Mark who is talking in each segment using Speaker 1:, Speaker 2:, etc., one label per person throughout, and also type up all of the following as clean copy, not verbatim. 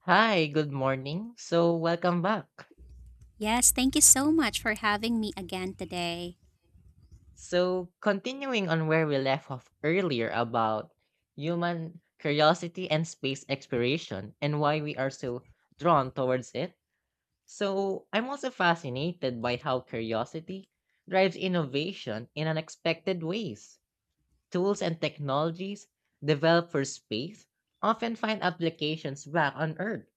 Speaker 1: Hi, good morning. So, welcome back.
Speaker 2: Yes, thank you so much for having me again today.
Speaker 1: So, continuing on where we left off earlier about human curiosity and space exploration and why we are so drawn towards it. So, I'm also fascinated by how curiosity drives innovation in unexpected ways. Tools and technologies developed for space often find applications back on Earth,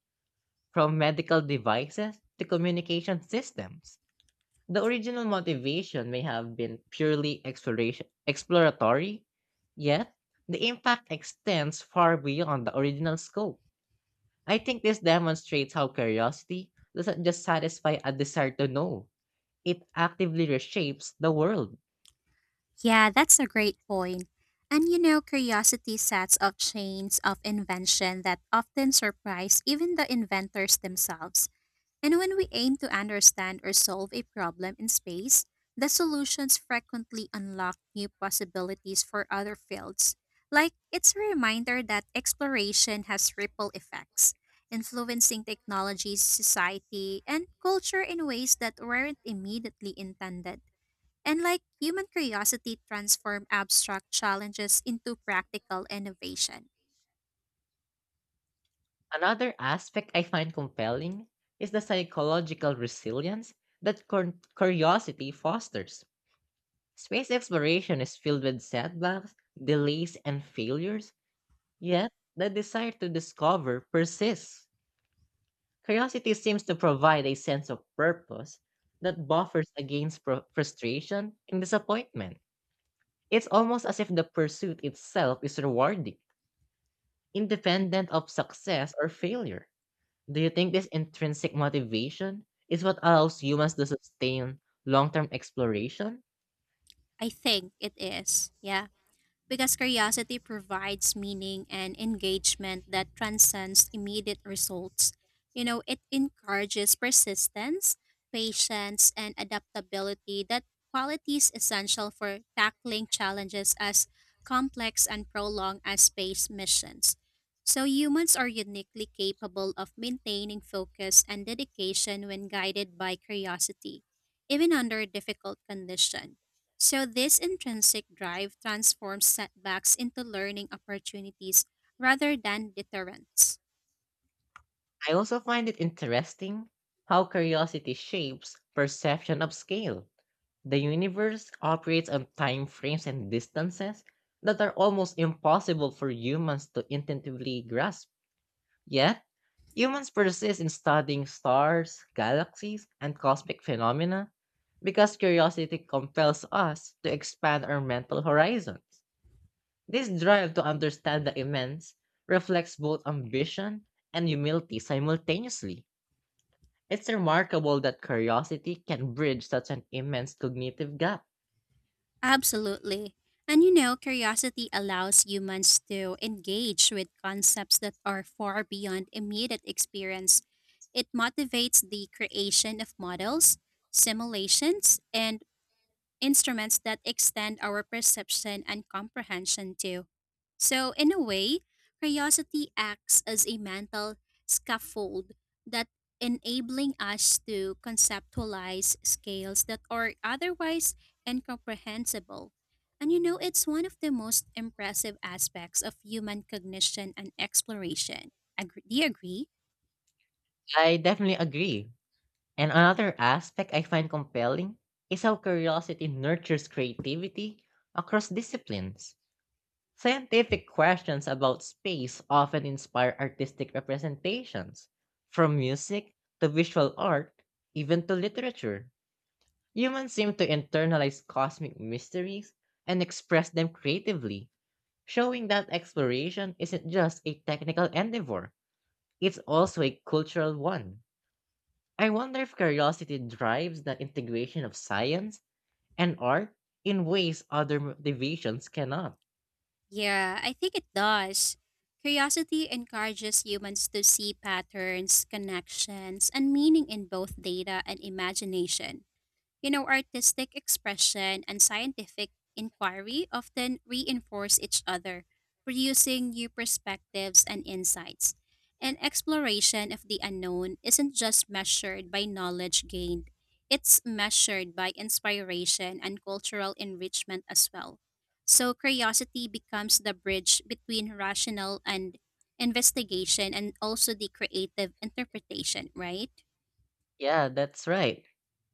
Speaker 1: from medical devices to communication systems. The original motivation may have been purely exploration exploratory, yet the impact extends far beyond the original scope. I think this demonstrates how curiosity doesn't just satisfy a desire to know, it actively reshapes the world.
Speaker 2: Yeah, that's a great point. And you know, curiosity sets off chains of invention that often surprise even the inventors themselves. And when we aim to understand or solve a problem in space, the solutions frequently unlock new possibilities for other fields. Like, it's a reminder that exploration has ripple effects, influencing technologies, society, and culture in ways that weren't immediately intended. And like, human curiosity transforms abstract challenges into practical innovation.
Speaker 1: Another aspect I find compelling is the psychological resilience that curiosity fosters. Space exploration is filled with setbacks, delays, and failures, yet the desire to discover persists. Curiosity seems to provide a sense of purpose that buffers against frustration and disappointment. It's almost as if the pursuit itself is rewarding, independent of success or failure. Do you think this intrinsic motivation is what allows humans to sustain long term exploration?
Speaker 2: I think it is. Yeah. Because curiosity provides meaning and engagement that transcends immediate results. You know, it encourages persistence, patience, and adaptability, that qualities essential for tackling challenges as complex and prolonged as space missions. So humans are uniquely capable of maintaining focus and dedication when guided by curiosity, even under difficult conditions. So, this intrinsic drive transforms setbacks into learning opportunities rather than deterrents.
Speaker 1: I also find it interesting how curiosity shapes perception of scale. The universe operates on time frames and distances that are almost impossible for humans to intuitively grasp. Yet humans persist in studying stars, galaxies, and cosmic phenomena because curiosity compels us to expand our mental horizons. This drive to understand the immense reflects both ambition and humility simultaneously. It's remarkable that curiosity can bridge such an immense cognitive gap.
Speaker 2: Absolutely. And you know, curiosity allows humans to engage with concepts that are far beyond immediate experience. It motivates the creation of models, simulations, and instruments that extend our perception and comprehension too. So, in a way, curiosity acts as a mental scaffold that enabling us to conceptualize scales that are otherwise incomprehensible. And you know, it's one of the most impressive aspects of human cognition and exploration. Do you agree?
Speaker 1: I definitely agree. And another aspect I find compelling is how curiosity nurtures creativity across disciplines. Scientific questions about space often inspire artistic representations, from music to visual art, even to literature. Humans seem to internalize cosmic mysteries and express them creatively, showing that exploration isn't just a technical endeavor, it's also a cultural one. I wonder if curiosity drives the integration of science and art in ways other motivations cannot.
Speaker 2: Yeah, I think it does. Curiosity encourages humans to see patterns, connections, and meaning in both data and imagination. You know, artistic expression and scientific inquiry often reinforce each other, producing new perspectives and insights. And exploration of the unknown isn't just measured by knowledge gained, it's measured by inspiration and cultural enrichment as well. So, curiosity becomes the bridge between rational and investigation and also the creative interpretation, right?
Speaker 1: Yeah, that's right.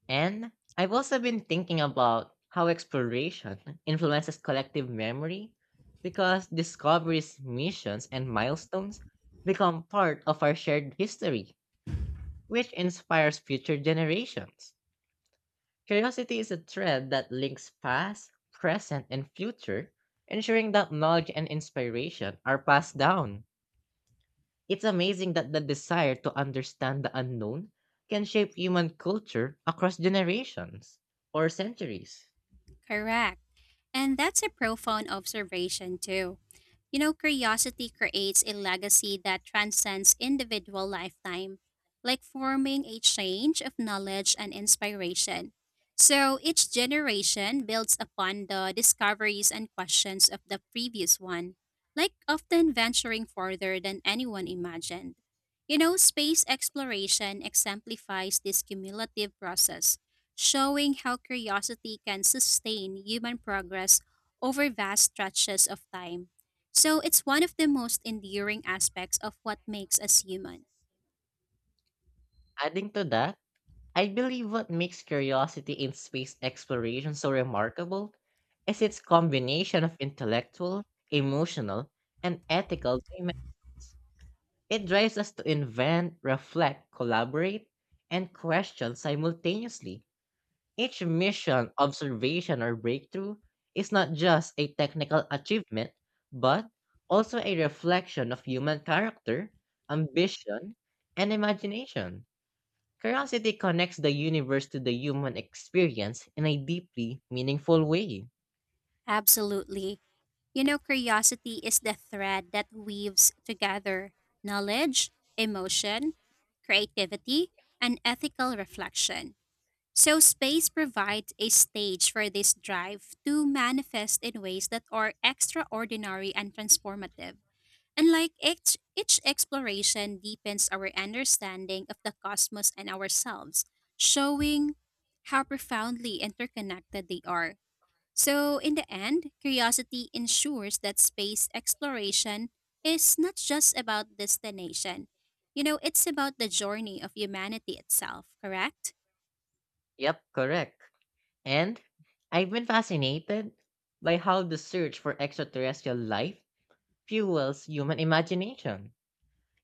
Speaker 1: And I've also been thinking about how exploration influences collective memory, because discoveries, missions, and milestones become part of our shared history, which inspires future generations. Curiosity is a thread that links past, present, and future, ensuring that knowledge and inspiration are passed down. It's amazing that the desire to understand the unknown can shape human culture across generations or centuries.
Speaker 2: Correct. And that's a profound observation, too. You know, curiosity creates a legacy that transcends individual lifetime, like forming a change of knowledge and inspiration. So each generation builds upon the discoveries and questions of the previous one, like often venturing farther than anyone imagined. You know, space exploration exemplifies this cumulative process, showing how curiosity can sustain human progress over vast stretches of time. So it's one of the most enduring aspects of what makes us human.
Speaker 1: Adding to that, I believe what makes curiosity in space exploration so remarkable is its combination of intellectual, emotional, and ethical. It drives us to invent, reflect, collaborate, and question simultaneously. Each mission, observation, or breakthrough is not just a technical achievement, but also a reflection of human character, ambition, and imagination. Curiosity connects the universe to the human experience in a deeply meaningful way.
Speaker 2: Absolutely. You know, curiosity is the thread that weaves together knowledge, emotion, creativity, and ethical reflection. So, space provides a stage for this drive to manifest in ways that are extraordinary and transformative. And like each exploration deepens our understanding of the cosmos and ourselves, showing how profoundly interconnected they are. So, in the end, curiosity ensures that space exploration is not just about destination. You know, it's about the journey of humanity itself, correct?
Speaker 1: Yep, correct. And I've been fascinated by how the search for extraterrestrial life fuels human imagination,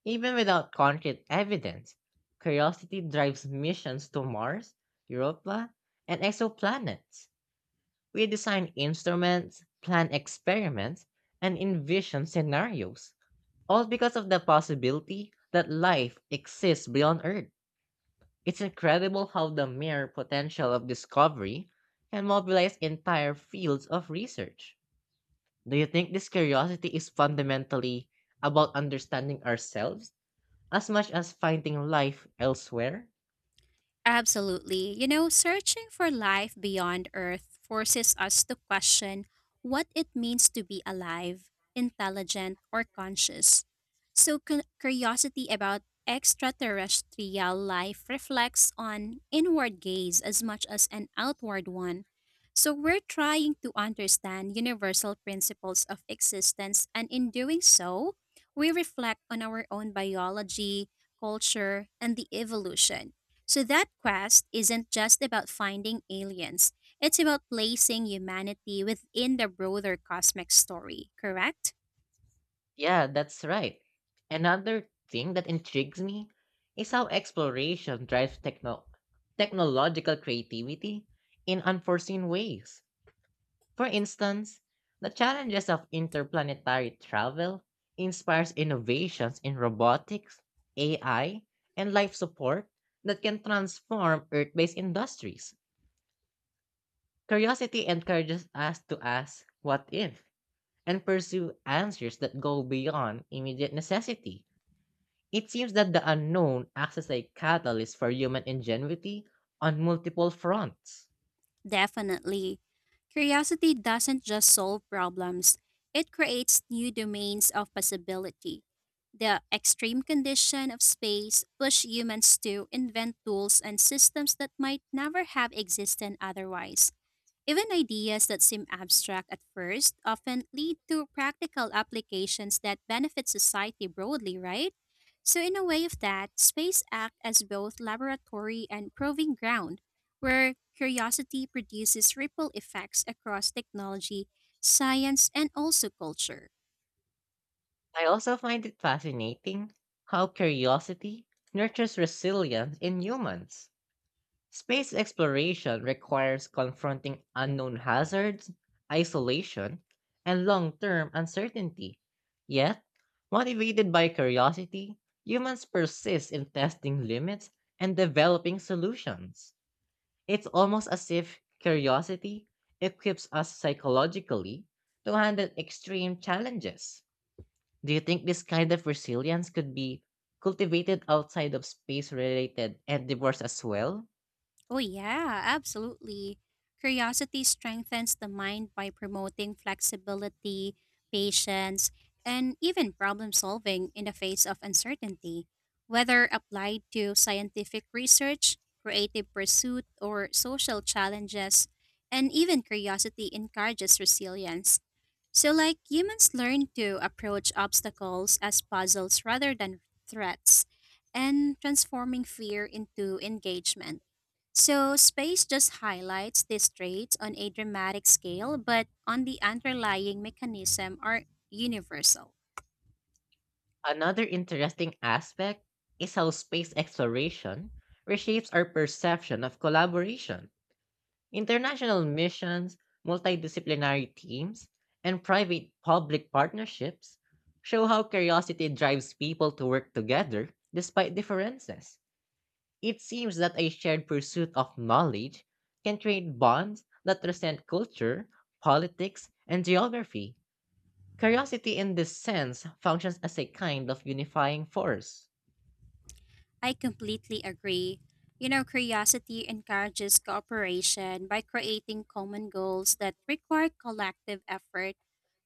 Speaker 1: even without concrete evidence. Curiosity drives missions to Mars, Europa, and exoplanets. We design instruments, plan experiments, and envision scenarios, all because of the possibility that life exists beyond Earth. It's incredible how the mere potential of discovery can mobilize entire fields of research. Do you think this curiosity is fundamentally about understanding ourselves as much as finding life elsewhere?
Speaker 2: Absolutely. You know, searching for life beyond Earth forces us to question what it means to be alive, intelligent, or conscious. So, curiosity about extraterrestrial life reflects on inward gaze as much as an outward one. So, we're trying to understand universal principles of existence, and in doing so, we reflect on our own biology, culture, and the evolution. So that quest isn't just about finding aliens, it's about placing humanity within the broader cosmic story, correct?
Speaker 1: Yeah, that's right. Another thing that intrigues me is how exploration drives technological creativity in unforeseen ways. For instance, the challenges of interplanetary travel inspires innovations in robotics, AI, and life support that can transform Earth-based industries. Curiosity encourages us to ask, "What if?" and pursue answers that go beyond immediate necessity. It seems that the unknown acts as a catalyst for human ingenuity on multiple fronts.
Speaker 2: Definitely. Curiosity doesn't just solve problems, it creates new domains of possibility. The extreme condition of space push humans to invent tools and systems that might never have existed otherwise. Even ideas that seem abstract at first often lead to practical applications that benefit society broadly, right? So, in a way of that, space acts as both laboratory and proving ground, where curiosity produces ripple effects across technology, science, and also culture.
Speaker 1: I also find it fascinating how curiosity nurtures resilience in humans. Space exploration requires confronting unknown hazards, isolation, and long term uncertainty. Yet, motivated by curiosity, humans persist in testing limits and developing solutions. It's almost as if curiosity equips us psychologically to handle extreme challenges. Do you think this kind of resilience could be cultivated outside of space related endeavors as well?
Speaker 2: Oh, yeah, absolutely. Curiosity strengthens the mind by promoting flexibility, patience, and even problem solving in the face of uncertainty. Whether applied to scientific research, creative pursuit, or social challenges, and even curiosity encourages resilience. So, like, humans learn to approach obstacles as puzzles rather than threats, and transforming fear into engagement. So, space just highlights these traits on a dramatic scale, but on the underlying mechanism are universal.
Speaker 1: Another interesting aspect is how space exploration reshapes our perception of collaboration. International missions, multidisciplinary teams, and private public partnerships show how curiosity drives people to work together despite differences. It seems that a shared pursuit of knowledge can create bonds that transcend culture, politics, and geography. Curiosity, in this sense, functions as a kind of unifying force.
Speaker 2: I completely agree. You know, curiosity encourages cooperation by creating common goals that require collective effort.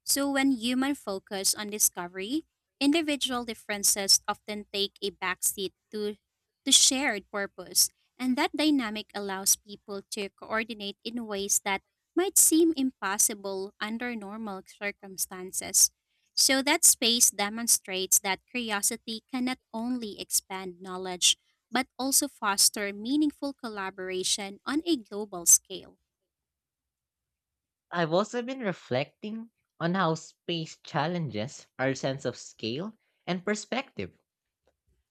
Speaker 2: So when human focus on discovery, individual differences often take a backseat to shared purpose, and that dynamic allows people to coordinate in ways that might seem impossible under normal circumstances. So that space demonstrates that curiosity can not only expand knowledge but also foster meaningful collaboration on a global scale.
Speaker 1: I've also been reflecting on how space challenges our sense of scale and perspective.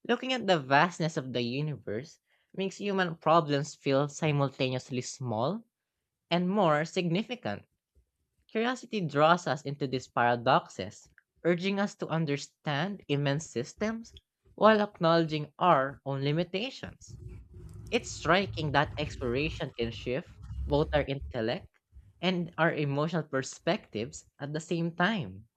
Speaker 1: Looking at the vastness of the universe makes human problems feel simultaneously small and more significant. Curiosity draws us into these paradoxes, urging us to understand immense systems while acknowledging our own limitations. It's striking that exploration can shift both our intellect and our emotional perspectives at the same time.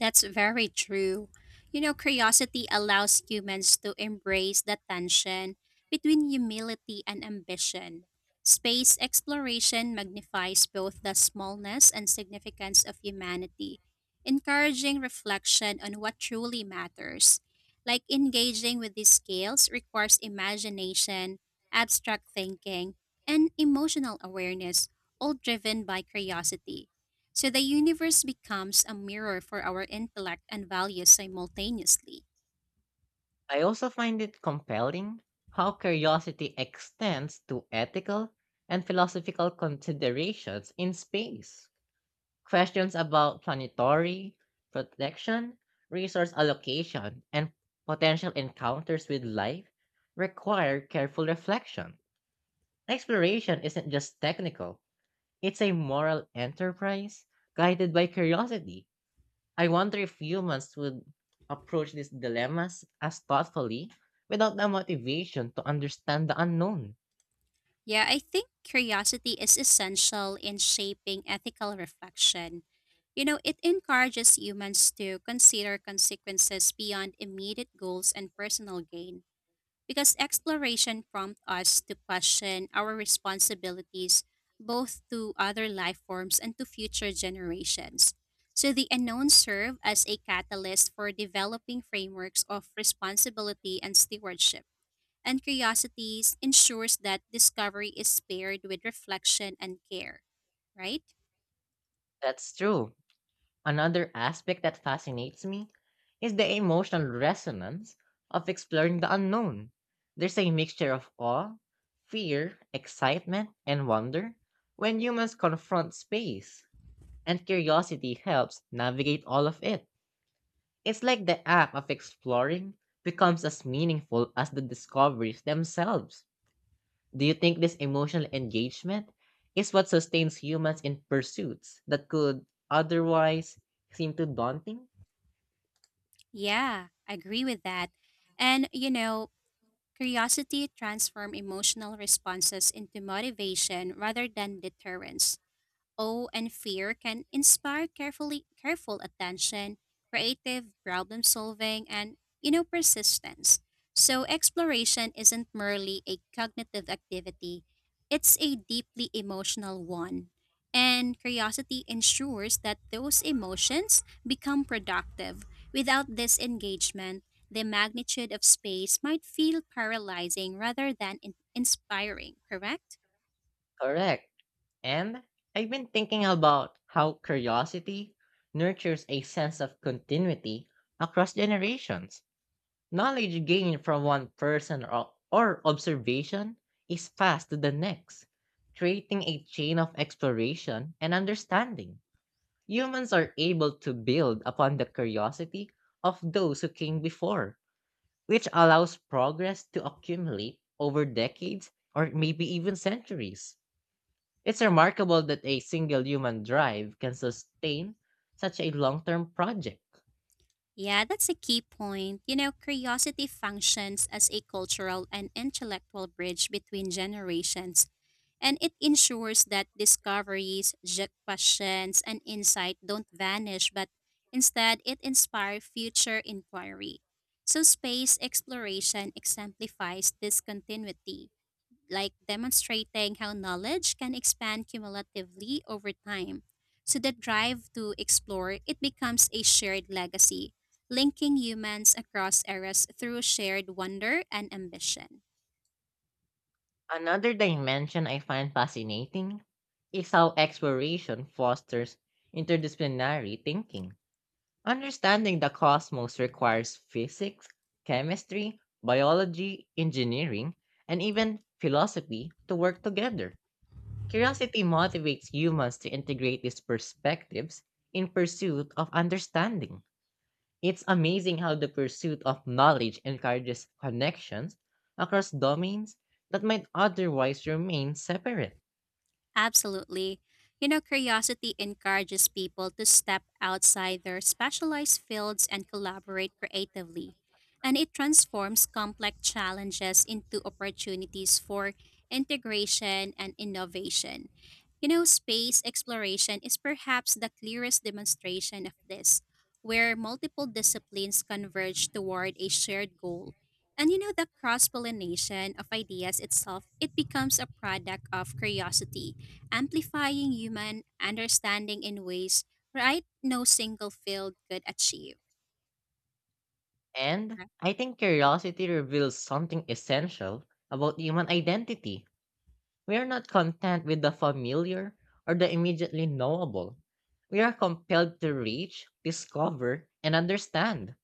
Speaker 2: That's very true. You know, curiosity allows humans to embrace the tension between humility and ambition. Space exploration magnifies both the smallness and significance of humanity, encouraging reflection on what truly matters. Like, engaging with these scales requires imagination, abstract thinking, and emotional awareness, all driven by curiosity. So the universe becomes a mirror for our intellect and values simultaneously.
Speaker 1: I also find it compelling how curiosity extends to ethical and philosophical considerations in space. Questions about planetary protection, resource allocation, and potential encounters with life require careful reflection. Exploration isn't just technical, it's a moral enterprise guided by curiosity. I wonder if humans would approach these dilemmas as thoughtfully without the motivation to understand the unknown.
Speaker 2: Yeah, I think curiosity is essential in shaping ethical reflection. You know, it encourages humans to consider consequences beyond immediate goals and personal gain. Because exploration prompts us to question our responsibilities both to other life forms and to future generations. So the unknown serve as a catalyst for developing frameworks of responsibility and stewardship. And curiosities ensures that discovery is paired with reflection and care, right?
Speaker 1: That's true. Another aspect that fascinates me is the emotional resonance of exploring the unknown. There's a mixture of awe, fear, excitement, and wonder when humans confront space, and curiosity helps navigate all of it. It's like the act of exploring becomes as meaningful as the discoveries themselves. Do you think this emotional engagement is what sustains humans in pursuits that could otherwise seem too daunting?
Speaker 2: Yeah, I agree with that. And you know, curiosity transforms emotional responses into motivation rather than deterrence. Awe and fear can inspire careful attention, creative problem solving, and you know, persistence. So exploration isn't merely a cognitive activity; it's a deeply emotional one. And curiosity ensures that those emotions become productive. Without this engagement, the magnitude of space might feel paralyzing rather than inspiring, correct?
Speaker 1: Correct. And I've been thinking about how curiosity nurtures a sense of continuity across generations. Knowledge gained from one person or observation is passed to the next, creating a chain of exploration and understanding. Humans are able to build upon the curiosity of those who came before, which allows progress to accumulate over decades or maybe even centuries. It's remarkable that a single human drive can sustain such a long term project.
Speaker 2: Yeah, that's a key point. You know, curiosity functions as a cultural and intellectual bridge between generations, and it ensures that discoveries, questions, and insight don't vanish, but instead it inspires future inquiry. So, space exploration exemplifies this continuity, like demonstrating how knowledge can expand cumulatively over time. So the drive to explore it becomes a shared legacy, linking humans across eras through shared wonder and ambition.
Speaker 1: Another dimension I find fascinating is how exploration fosters interdisciplinary thinking. Understanding the cosmos requires physics, chemistry, biology, engineering, and even philosophy to work together. Curiosity motivates humans to integrate these perspectives in pursuit of understanding. It's amazing how the pursuit of knowledge encourages connections across domains that might otherwise remain separate.
Speaker 2: Absolutely. You know, curiosity encourages people to step outside their specialized fields and collaborate creatively. And it transforms complex challenges into opportunities for integration and innovation. You know, space exploration is perhaps the clearest demonstration of this, where multiple disciplines converge toward a shared goal. And you know, the cross pollination of ideas itself, it becomes a product of curiosity amplifying human understanding in ways right no single field could achieve.
Speaker 1: And
Speaker 2: Right.
Speaker 1: I think curiosity reveals something essential about human identity. We are not content with the familiar or the immediately knowable. We are compelled to reach, discover, and understand.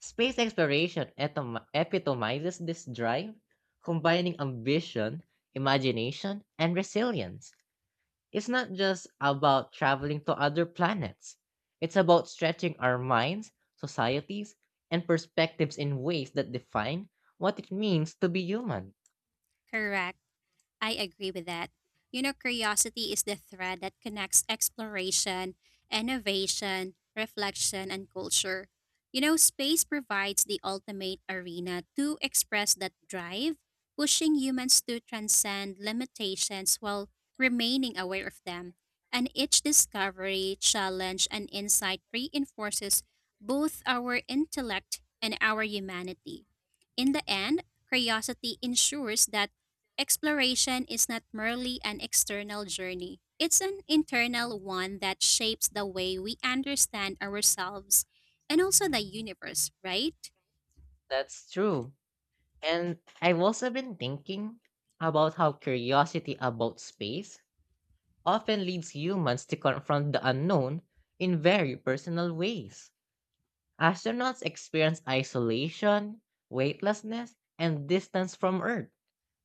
Speaker 1: Space exploration epitomizes this drive, combining ambition, imagination, and resilience. It's not just about traveling to other planets. It's about stretching our minds, societies, and perspectives in ways that define what it means to be human.
Speaker 2: Correct. I agree with that. You know, curiosity is the thread that connects exploration, innovation, reflection, and culture. You know, space provides the ultimate arena to express that drive, pushing humans to transcend limitations while remaining aware of them. And each discovery, challenge, and insight reinforces both our intellect and our humanity. In the end, curiosity ensures that exploration is not merely an external journey, it's an internal one that shapes the way we understand ourselves and also the universe, right?
Speaker 1: That's true. And I've also been thinking about how curiosity about space often leads humans to confront the unknown in very personal ways. Astronauts experience isolation, weightlessness, and distance from Earth.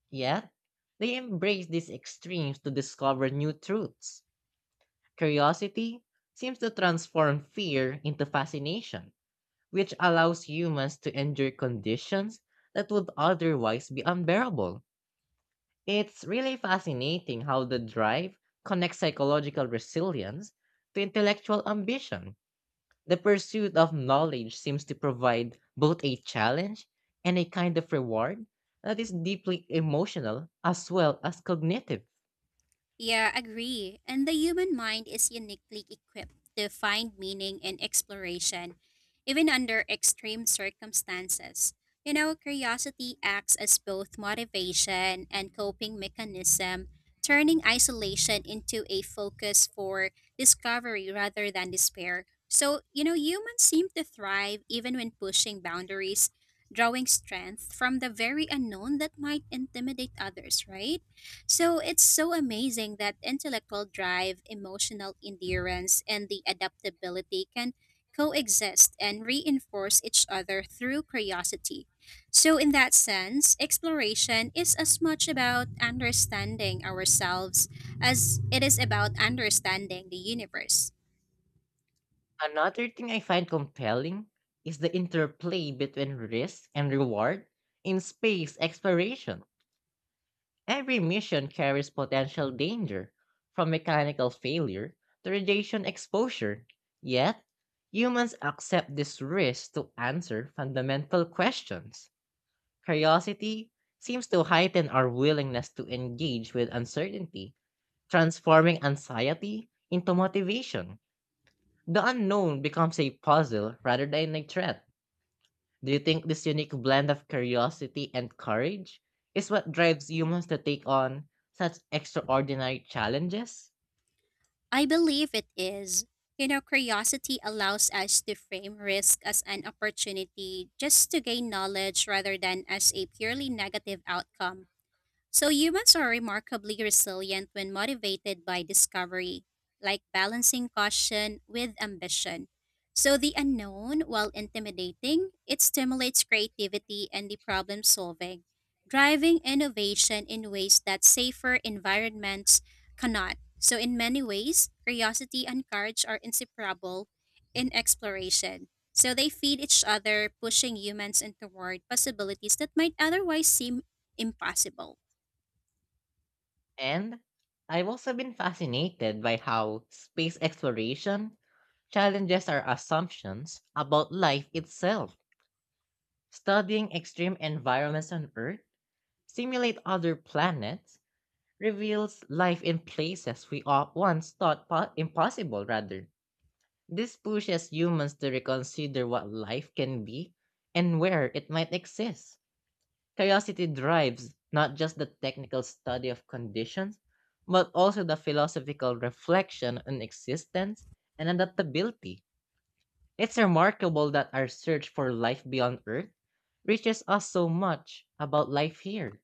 Speaker 1: Yet they embrace these extremes to discover new truths. Curiosity seems to transform fear into fascination, which allows humans to endure conditions that would otherwise be unbearable. It's really fascinating how the drive connects psychological resilience to intellectual ambition. The pursuit of knowledge seems to provide both a challenge and a kind of reward that is deeply emotional as well as cognitive.
Speaker 2: Yeah, agree. And the human mind is uniquely equipped to find meaning and exploration, even under extreme circumstances. You know, curiosity acts as both motivation and coping mechanism, turning isolation into a focus for discovery rather than despair. So, you know, humans seem to thrive even when pushing boundaries, drawing strength from the very unknown that might intimidate others, right? So it's so amazing that intellectual drive, emotional endurance, and the adaptability can coexist and reinforce each other through curiosity. So, in that sense, exploration is as much about understanding ourselves as it is about understanding the universe.
Speaker 1: Another thing I find compelling is the interplay between risk and reward in space exploration. Every mission carries potential danger, from mechanical failure to radiation exposure. Yet humans accept this risk to answer fundamental questions. Curiosity seems to heighten our willingness to engage with uncertainty, transforming anxiety into motivation. The unknown becomes a puzzle rather than a threat. Do you think this unique blend of curiosity and courage is what drives humans to take on such extraordinary challenges?
Speaker 2: I believe it is. You know, curiosity allows us to frame risk as an opportunity just to gain knowledge rather than as a purely negative outcome. So humans are remarkably resilient when motivated by discovery, like balancing caution with ambition. So the unknown, while intimidating, it stimulates creativity and the problem solving, driving innovation in ways that safer environments cannot. So in many ways, curiosity and courage are inseparable in exploration. So they feed each other, pushing humans in toward possibilities that might otherwise seem impossible.
Speaker 1: And I've also been fascinated by how space exploration challenges our assumptions about life itself. Studying extreme environments on Earth, simulate other planets, reveals life in places we all once thought impossible, rather. This pushes humans to reconsider what life can be and where it might exist. Curiosity drives not just the technical study of conditions, but also the philosophical reflection on existence and adaptability. It's remarkable that our search for life beyond Earth reaches us so much about life here.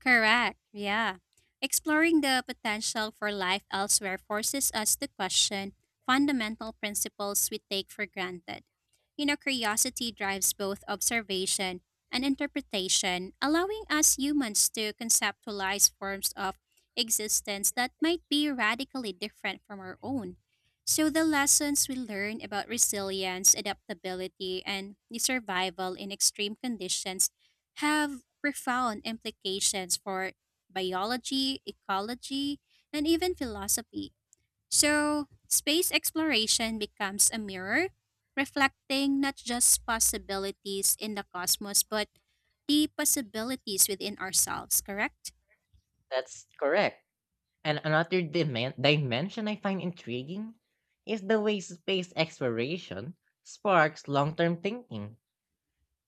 Speaker 2: Correct. Yeah. Exploring the potential for life elsewhere forces us to question fundamental principles we take for granted. You know, curiosity drives both observation and interpretation, allowing us humans to conceptualize forms of existence that might be radically different from our own. So, the lessons we learn about resilience, adaptability, and the survival in extreme conditions have profound implications for biology, ecology, and even philosophy. So, space exploration becomes a mirror, reflecting not just possibilities in the cosmos, but the possibilities within ourselves, correct?
Speaker 1: That's correct. And another dimension I find intriguing is the way space exploration sparks long term thinking.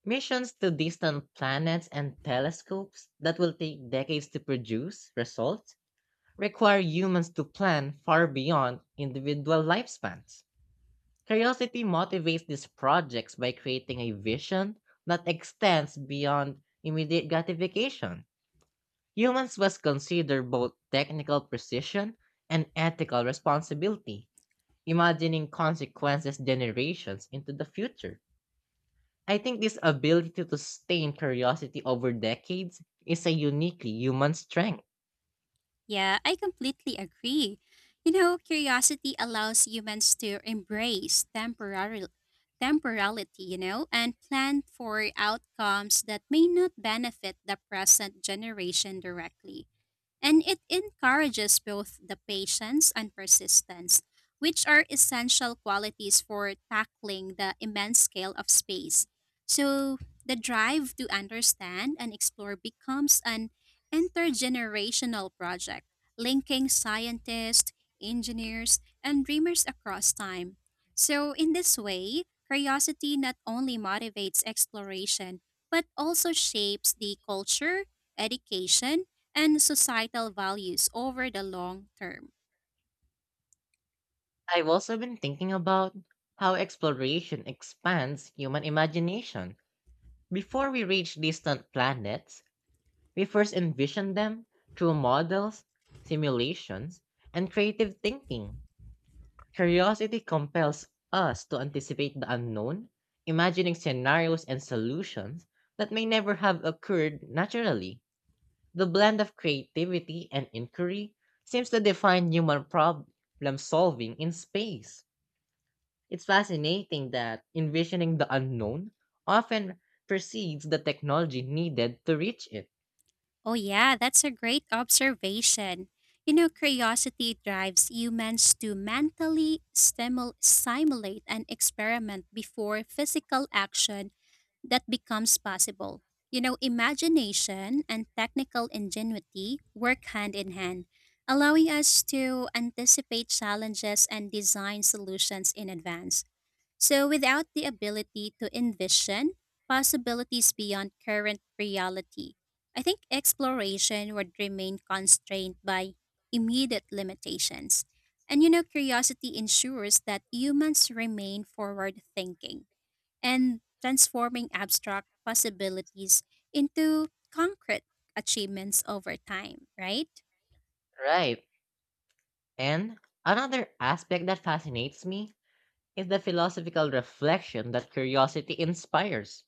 Speaker 1: Missions to distant planets and telescopes that will take decades to produce results require humans to plan far beyond individual lifespans. Curiosity motivates these projects by creating a vision that extends beyond immediate gratification. Humans must consider both technical precision and ethical responsibility, imagining consequences generations into the future. I think this ability to sustain curiosity over decades is a uniquely human strength.
Speaker 2: Yeah, I completely agree. You know, curiosity allows humans to embrace temporality, you know, and plan for outcomes that may not benefit the present generation directly, and it encourages both the patience and persistence, which are essential qualities for tackling the immense scale of space. So, the drive to understand and explore becomes an intergenerational project, linking scientists, engineers, and dreamers across time. So, in this way, curiosity not only motivates exploration, but also shapes the culture, education, and societal values over the long term.
Speaker 1: I've also been thinking about how exploration expands human imagination. Before we reach distant planets, we first envision them through models, simulations, and creative thinking. Curiosity compels us to anticipate the unknown, imagining scenarios and solutions that may never have occurred naturally. The blend of creativity and inquiry seems to define human problem solving in space. It's fascinating that envisioning the unknown often precedes the technology needed to reach it.
Speaker 2: Oh, yeah, that's a great observation. You know, curiosity drives humans to mentally simulate and experiment before physical action that becomes possible. You know, imagination and technical ingenuity work hand in hand, allowing us to anticipate challenges and design solutions in advance. So, without the ability to envision possibilities beyond current reality, I think exploration would remain constrained by immediate limitations. And you know, curiosity ensures that humans remain forward thinking and transforming abstract possibilities into concrete achievements over time, right?
Speaker 1: Right. And another aspect that fascinates me is the philosophical reflection that curiosity inspires.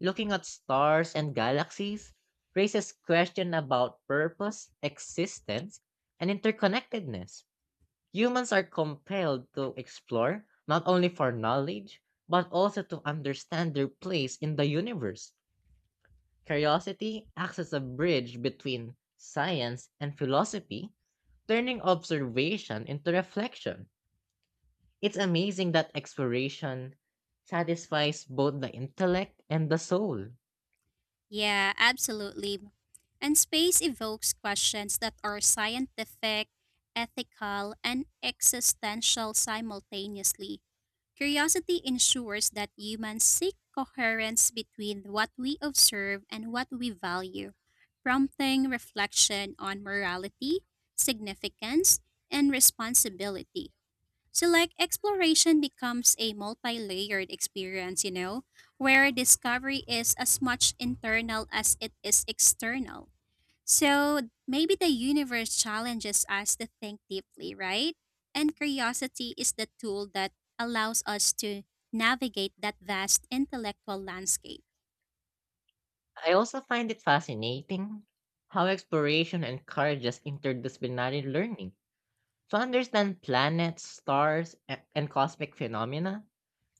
Speaker 1: Looking at stars and galaxies raises questions about purpose, existence, and interconnectedness. Humans are compelled to explore not only for knowledge, but also to understand their place in the universe. Curiosity acts as a bridge between science and philosophy, turning observation into reflection. It's amazing that exploration satisfies both the intellect and the soul.
Speaker 2: Yeah, absolutely. And space evokes questions that are scientific, ethical, and existential simultaneously. Curiosity ensures that humans seek coherence between what we observe and what we value, prompting reflection on morality, significance, and responsibility. So, like, exploration becomes a multi layered experience, you know, where discovery is as much internal as it is external. So maybe the universe challenges us to think deeply, right? And curiosity is the tool that allows us to navigate that vast intellectual landscape.
Speaker 1: I also find it fascinating how exploration encourages interdisciplinary learning. To understand planets, stars, and cosmic phenomena,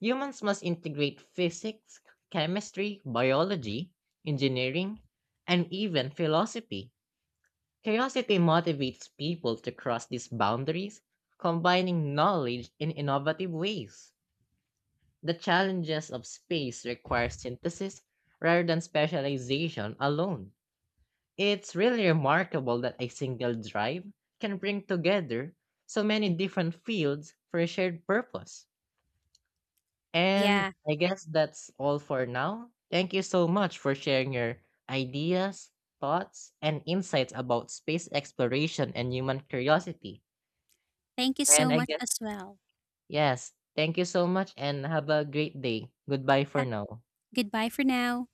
Speaker 1: humans must integrate physics, chemistry, biology, engineering, and even philosophy. Curiosity motivates people to cross these boundaries, combining knowledge in innovative ways. The challenges of space require synthesis rather than specialization alone. It's really remarkable that a single drive can bring together so many different fields for a shared purpose. And
Speaker 2: Yeah.
Speaker 1: I guess that's all for now. Thank you so much for sharing your ideas, thoughts, and insights about space exploration and human curiosity.
Speaker 2: Thank you
Speaker 1: And
Speaker 2: so
Speaker 1: I
Speaker 2: much
Speaker 1: guess,
Speaker 2: as well.
Speaker 1: yes, thank you so much and have a great day. Goodbye for
Speaker 2: Ha-
Speaker 1: now.
Speaker 2: Goodbye for now.